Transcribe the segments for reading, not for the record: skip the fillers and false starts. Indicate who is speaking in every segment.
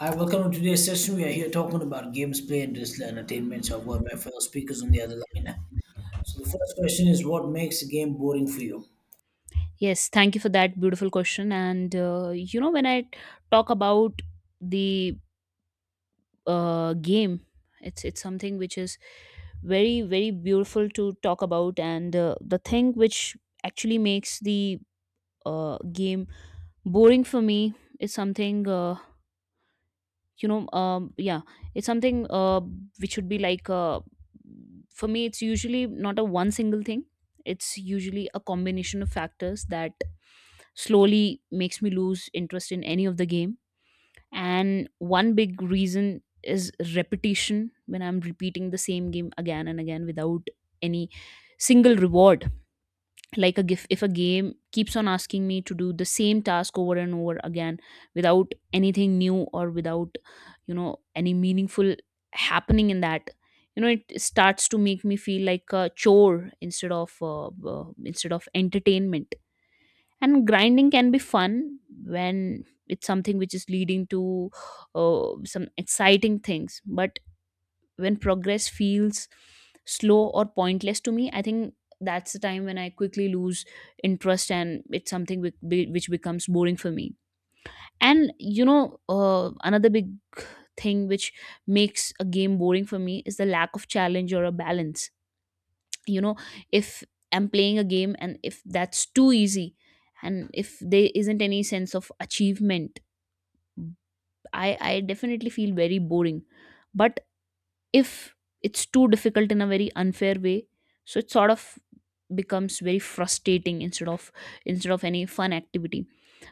Speaker 1: Hi, welcome to today's session. We are here talking about games played, digital entertainment. So I've got my fellow speakers on the other line. So the first question is, what makes a game boring for you?
Speaker 2: Yes, thank you for that beautiful question. And when I talk about the game, it's something which is very very beautiful to talk about, and the thing which actually makes the game boring for me is something. You know um yeah it's something which should be like for me, it's usually not a one single thing, it's usually a combination of factors that slowly makes me lose interest in any of the game. And one big reason is repetition, when I'm repeating the same game again and again without any single reward. Like a gif, if a game keeps on asking me to do the same task over and over again without anything new or without any meaningful happening in that, it starts to make me feel like a chore instead of entertainment. And grinding can be fun when it's something which is leading to some exciting things, but when progress feels slow or pointless to me, I think that's the time when I quickly lose interest, and it's something which becomes boring for me. And another big thing which makes a game boring for me is the lack of challenge or a balance. You know, if I'm playing a game and if that's too easy and if there isn't any sense of achievement, I definitely feel very boring. But if it's too difficult in a very unfair way, so it sort of becomes very frustrating instead of any fun activity.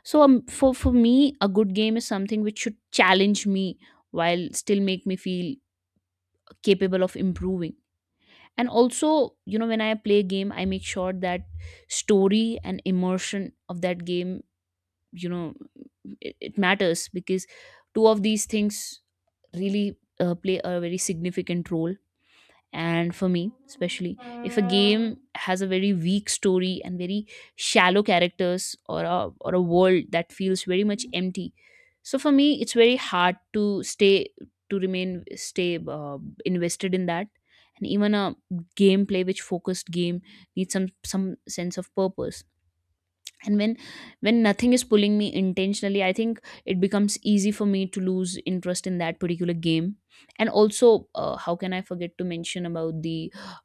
Speaker 2: So for me, a good game is something which should challenge me while still make me feel capable of improving. And also, when I play a game, I make sure that story and immersion of that game, you know it matters, because two of these things really play a very significant role. And for me, especially if a game has a very weak story and very shallow characters, or a world that feels very much empty, so for me it's very hard to stay to remain stay invested in that. And even a gameplay which focused game needs some sense of purpose, and when nothing is pulling me intentionally, I think it becomes easy for me to lose interest in that particular game. And also, how can I forget to mention about the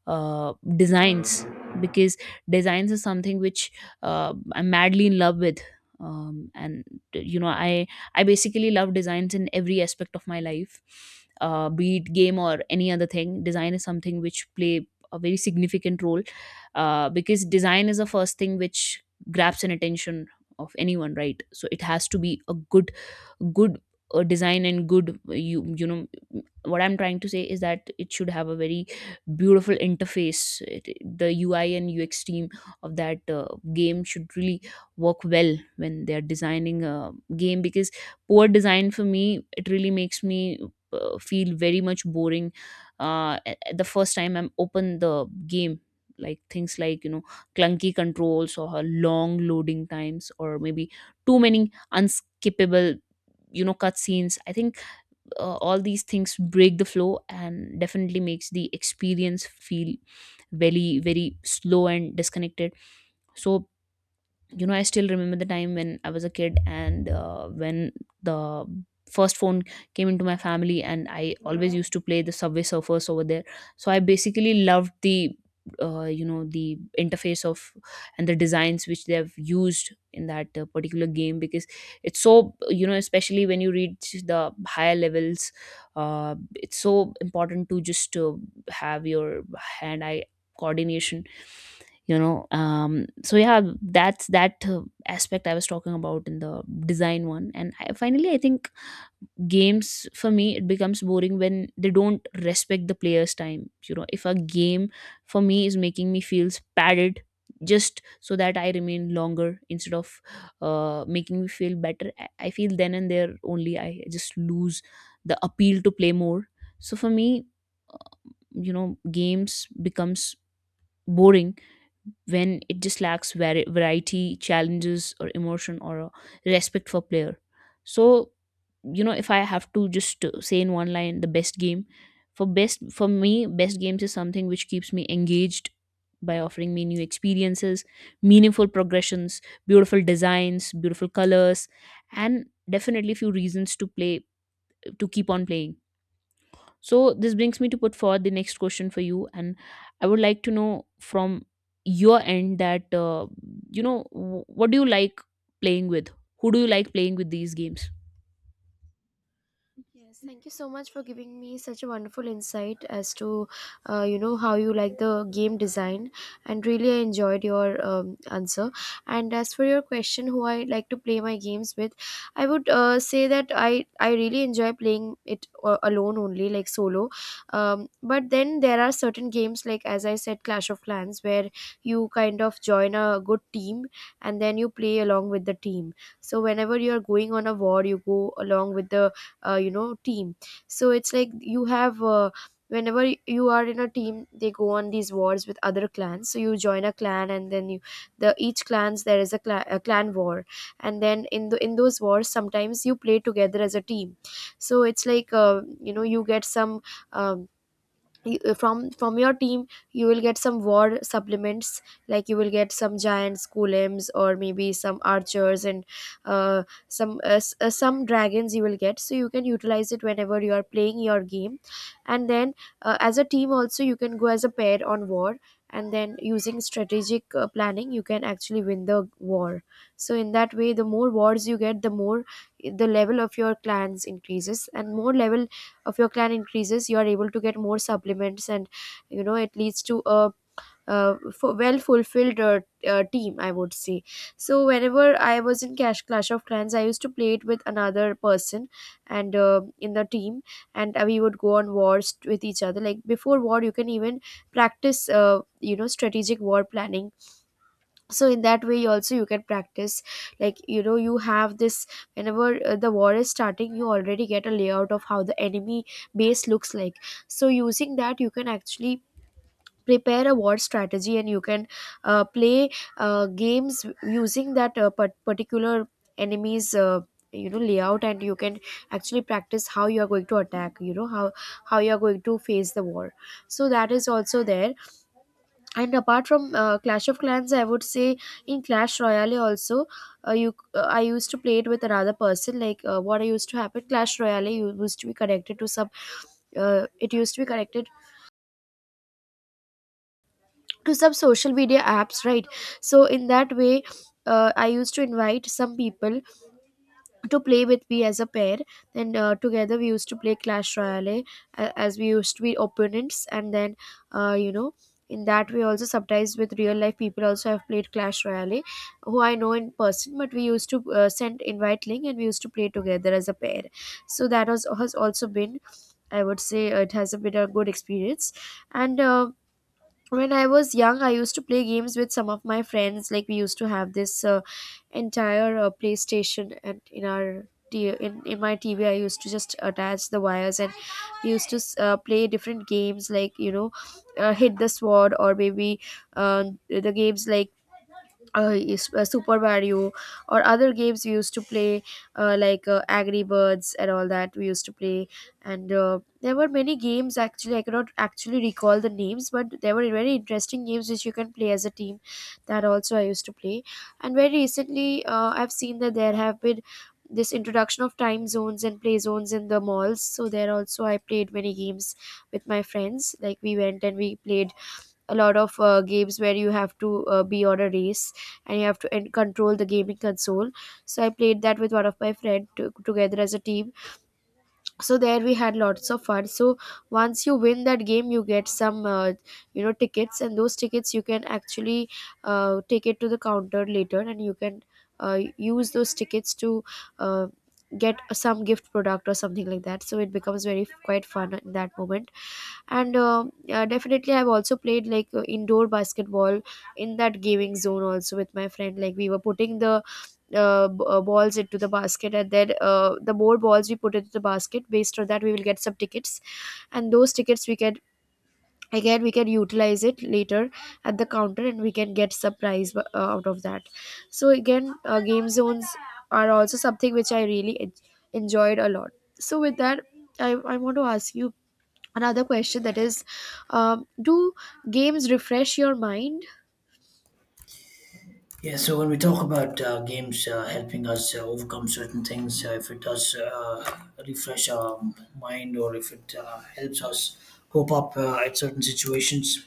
Speaker 2: uh, designs? Because designs is something which I'm madly in love with. And you know, I basically love designs in every aspect of my life. Be it game or any other thing, design is something which play a very significant role, because design is the first thing which grabs an attention of anyone, right? So it has to be a good good design and good what I'm trying to say is that it should have a very beautiful interface. The UI and UX team of that game should really work well when they are designing a game, because poor design for me, it really makes me feel very much boring the first time I'm open the game. Like things like, you know, clunky controls or long loading times, or maybe too many unskippable, you know, cutscenes, I think, all these things break the flow and definitely makes the experience feel very very slow and disconnected. So, you know, I still remember the time when I was a kid, and when the first phone came into my family, and I always used to play the Subway Surfers over there. So I basically loved the you know, the interface of, and the designs which they have used in that particular game, because it's so, you know, especially when you reach the higher levels, it's so important to just have your hand eye coordination, so yeah, that's that aspect I was talking about in the design one. Finally, I think games for me, it becomes boring when they don't respect the player's time. You know, if a game for me is making me feels padded just so that I remain longer instead of making me feel better, I feel then and there only I just lose the appeal to play more. So for me, uh, you know games becomes boring when it just lacks variety, challenges, or emotion, or respect for player. So, if I have to just say in one line, the best game for me, best games is something which keeps me engaged by offering me new experiences, meaningful progressions, beautiful designs, beautiful colors, and definitely few reasons to play, to keep on playing. So this brings me to put forward the next question for you, and I would like to know from your end that what do you like playing with? Who do you like playing with these games?
Speaker 3: Yes, thank you so much for giving me such a wonderful insight as to, you know, how you like the game design, and really I enjoyed your answer. And as for your question, who I like to play my games with, I would say that I really enjoy playing it alone only, like solo. But then there are certain games, like as I said, Clash of Clans, where you kind of join a good team and then you play along with the team. So whenever you are going on a war, you go along with the you know team. So it's like you have whenever you are in a team they go on these wars with other clans, so you join a clan and then you the each clans there is a clan war, and then in the in those wars sometimes you play together as a team. So it's like you know you get some um, from your team you will get some war supplements, like you will get some giants golems or maybe some archers and some some dragons you will get, so you can utilize it whenever you are playing your game. And then as a team also you can go as a pair on war, and then using strategic planning you can actually win the war. So in that way the more wars you get the more the level of your clans increases, and more level of your clan increases you are able to get more supplements. And you know it leads to a well fulfilled team I would say. So whenever I was in cash clash of clans I used to play it with another person and in the team, and we would go on wars with each other. Like before war you can even practice you know strategic war planning, so in that way also you can practice. Like you know you have this, whenever the war is starting you already get a layout of how the enemy base looks like, so using that you can actually prepare a war strategy and you can play games using that particular enemy's you know layout, and you can actually practice how you are going to attack, you know how you are going to face the war. So that is also there. And apart from clash of clans I would say, in clash royale also you I used to play it with another person. Like what I used to happen, clash royale used to be connected to some it used to be connected to some social media apps, right? So in that way I used to invite some people to play with we as a pair, then together we used to play clash royale, as we used to be opponents. And then you know in that we also sometimes with real life people also have played clash royale, who I know in person, but we used to send invite link and we used to play together as a pair. So that was, has also been, I would say it has been a good experience. And when I was young I used to play games with some of my friends, like we used to have this entire playstation, and in our in my tv I used to just attach the wires and we used to play different games like you know hit the sword, or maybe uh, the games like Super Mario, or other games we used to play, like Angry Birds and all that we used to play. And there were many games actually. I cannot actually recall the names, but there were very interesting games which you can play as a team. That also I used to play. And very recently, I've seen that there have been this introduction of time zones and play zones in the malls, so there also I played many games with my friends. Like we went and we played a lot of games where you have to be on a race and you have to and control the gaming console. So I played that with one of my friend together as a team, so there we had lots of fun. So once you win that game you get some you know tickets, and those tickets you can actually take it to the counter later and you can use those tickets to uh, get some gift product or something like that, so it becomes very quite fun in that moment. And definitely I've also played like indoor basketball in that gaming zone also with my friend. Like we were putting the balls into the basket, and then the more balls we put into the basket based on that we will get some tickets, and those tickets we can again we can utilize it later at the counter, and we can get some prize out of that. So again game zones are also something which I really enjoyed a lot. So with that I want to ask you another question, that is, do games refresh your mind?
Speaker 1: Yeah, so when we talk about games helping us overcome certain things, if it does refresh our mind or if it helps us cope up at certain situations,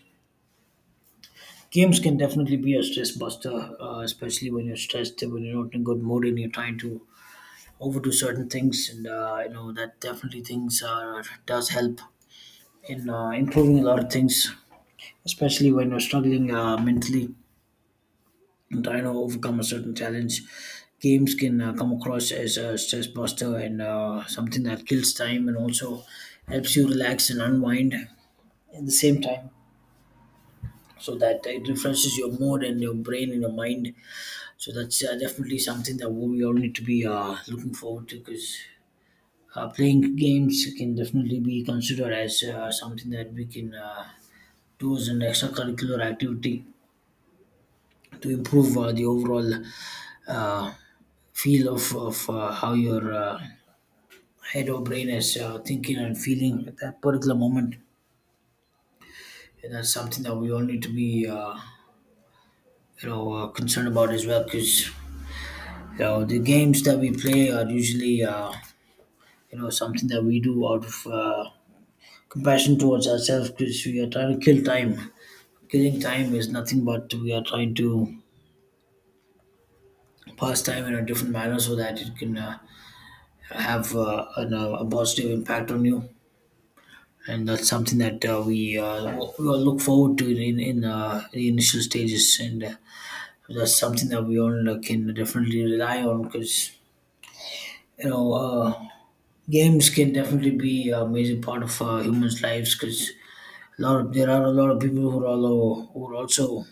Speaker 1: games can definitely be a stress buster, especially when you're stressed, when you're not in a good mood and you're trying to overdo certain things, and that definitely things does help in improving a lot of things, especially when you're struggling mentally and trying to overcome a certain challenge. Games can come across as a stress buster and something that kills time and also helps you relax and unwind at the same time, so that it refreshes your mood and your brain and your mind. So that's definitely something that we all need to be looking forward to, because playing games can definitely be considered as something that we can do as an extracurricular activity to improve the overall uh, feel of how your head or brain is thinking and feeling at that particular moment. And that's something that we all need to be, concerned about as well, because you know the games that we play are usually, something that we do out of compassion towards ourselves, because we are trying to kill time. Killing time is nothing but we are trying to pass time in a different manner so that it can have a positive impact on you. And that's something that we all look forward to in the initial stages. And that's something that we all can definitely rely on because, you know, uh, games can definitely be a major part of humans' lives because a lot of there are a lot of people who are also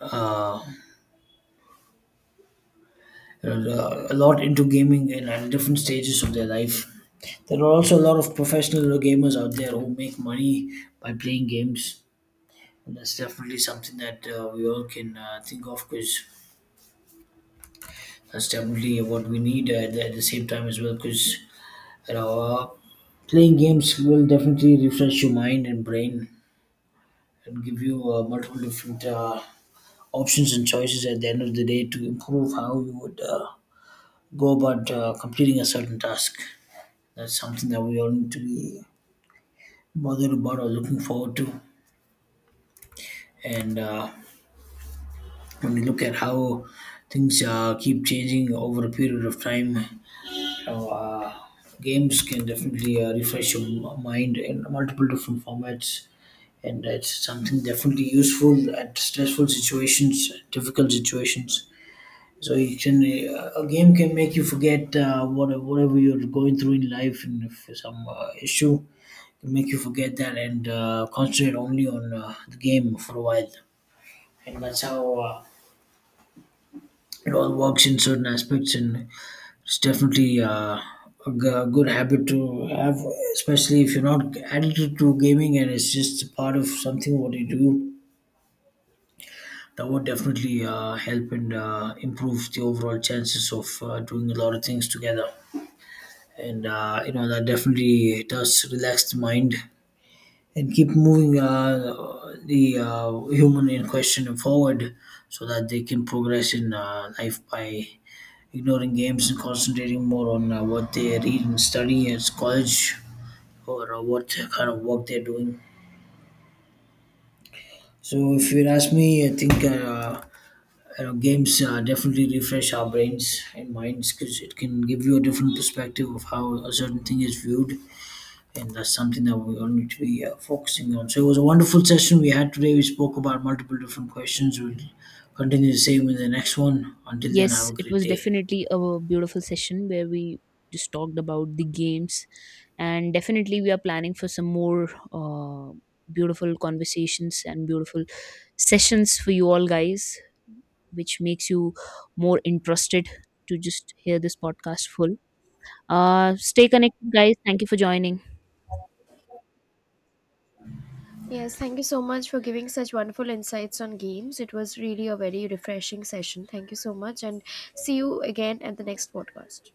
Speaker 1: uh, a lot into gaming and at different stages of their life. There are also a lot of professional gamers out there who make money by playing games. And that's definitely something that we all can think of, because that's definitely what we need at the same time as well. Because you know, uh, playing games will definitely refresh your mind and brain and give you multiple different options and choices at the end of the day, to improve how you would go about completing a certain task. That's something that we all need to be bothered about or looking forward to. And when you look at how things keep changing over a period of time, you games can definitely refresh your mind in multiple different formats. And it's something definitely useful at stressful situations, difficult situations. So you can a game can make you forget whatever you're going through in life, and if some issue can make you forget that and concentrate only on the game for a while. And that's how it all works in certain aspects. And it's definitely a good habit to have, especially if you're not addicted to gaming and it's just part of something what you do. That would definitely help and improve the overall chances of doing a lot of things together. And you know that definitely does relax the mind and keep moving the human in question forward, so that they can progress in life by ignoring games and concentrating more on what they read and study at college or what kind of work they're doing. So, if you ask me, I think games definitely refresh our brains and minds, because it can give you a different perspective of how a certain thing is viewed, and that's something that we all need to be focusing on. So it was a wonderful session we had today. We spoke about multiple different questions. We'll continue the same in the next one. Until then, have
Speaker 2: Yes,
Speaker 1: a
Speaker 2: it
Speaker 1: great
Speaker 2: was
Speaker 1: day.
Speaker 2: definitely a beautiful session where we just talked about the games, and definitely we are planning for some more beautiful conversations and beautiful sessions for you all guys, which makes you more interested to just hear this podcast full. Stay connected, guys. Thank you for joining.
Speaker 3: Yes, thank you so much for giving such wonderful insights on games. It was really a very refreshing session. Thank you so much, and see you again at the next podcast.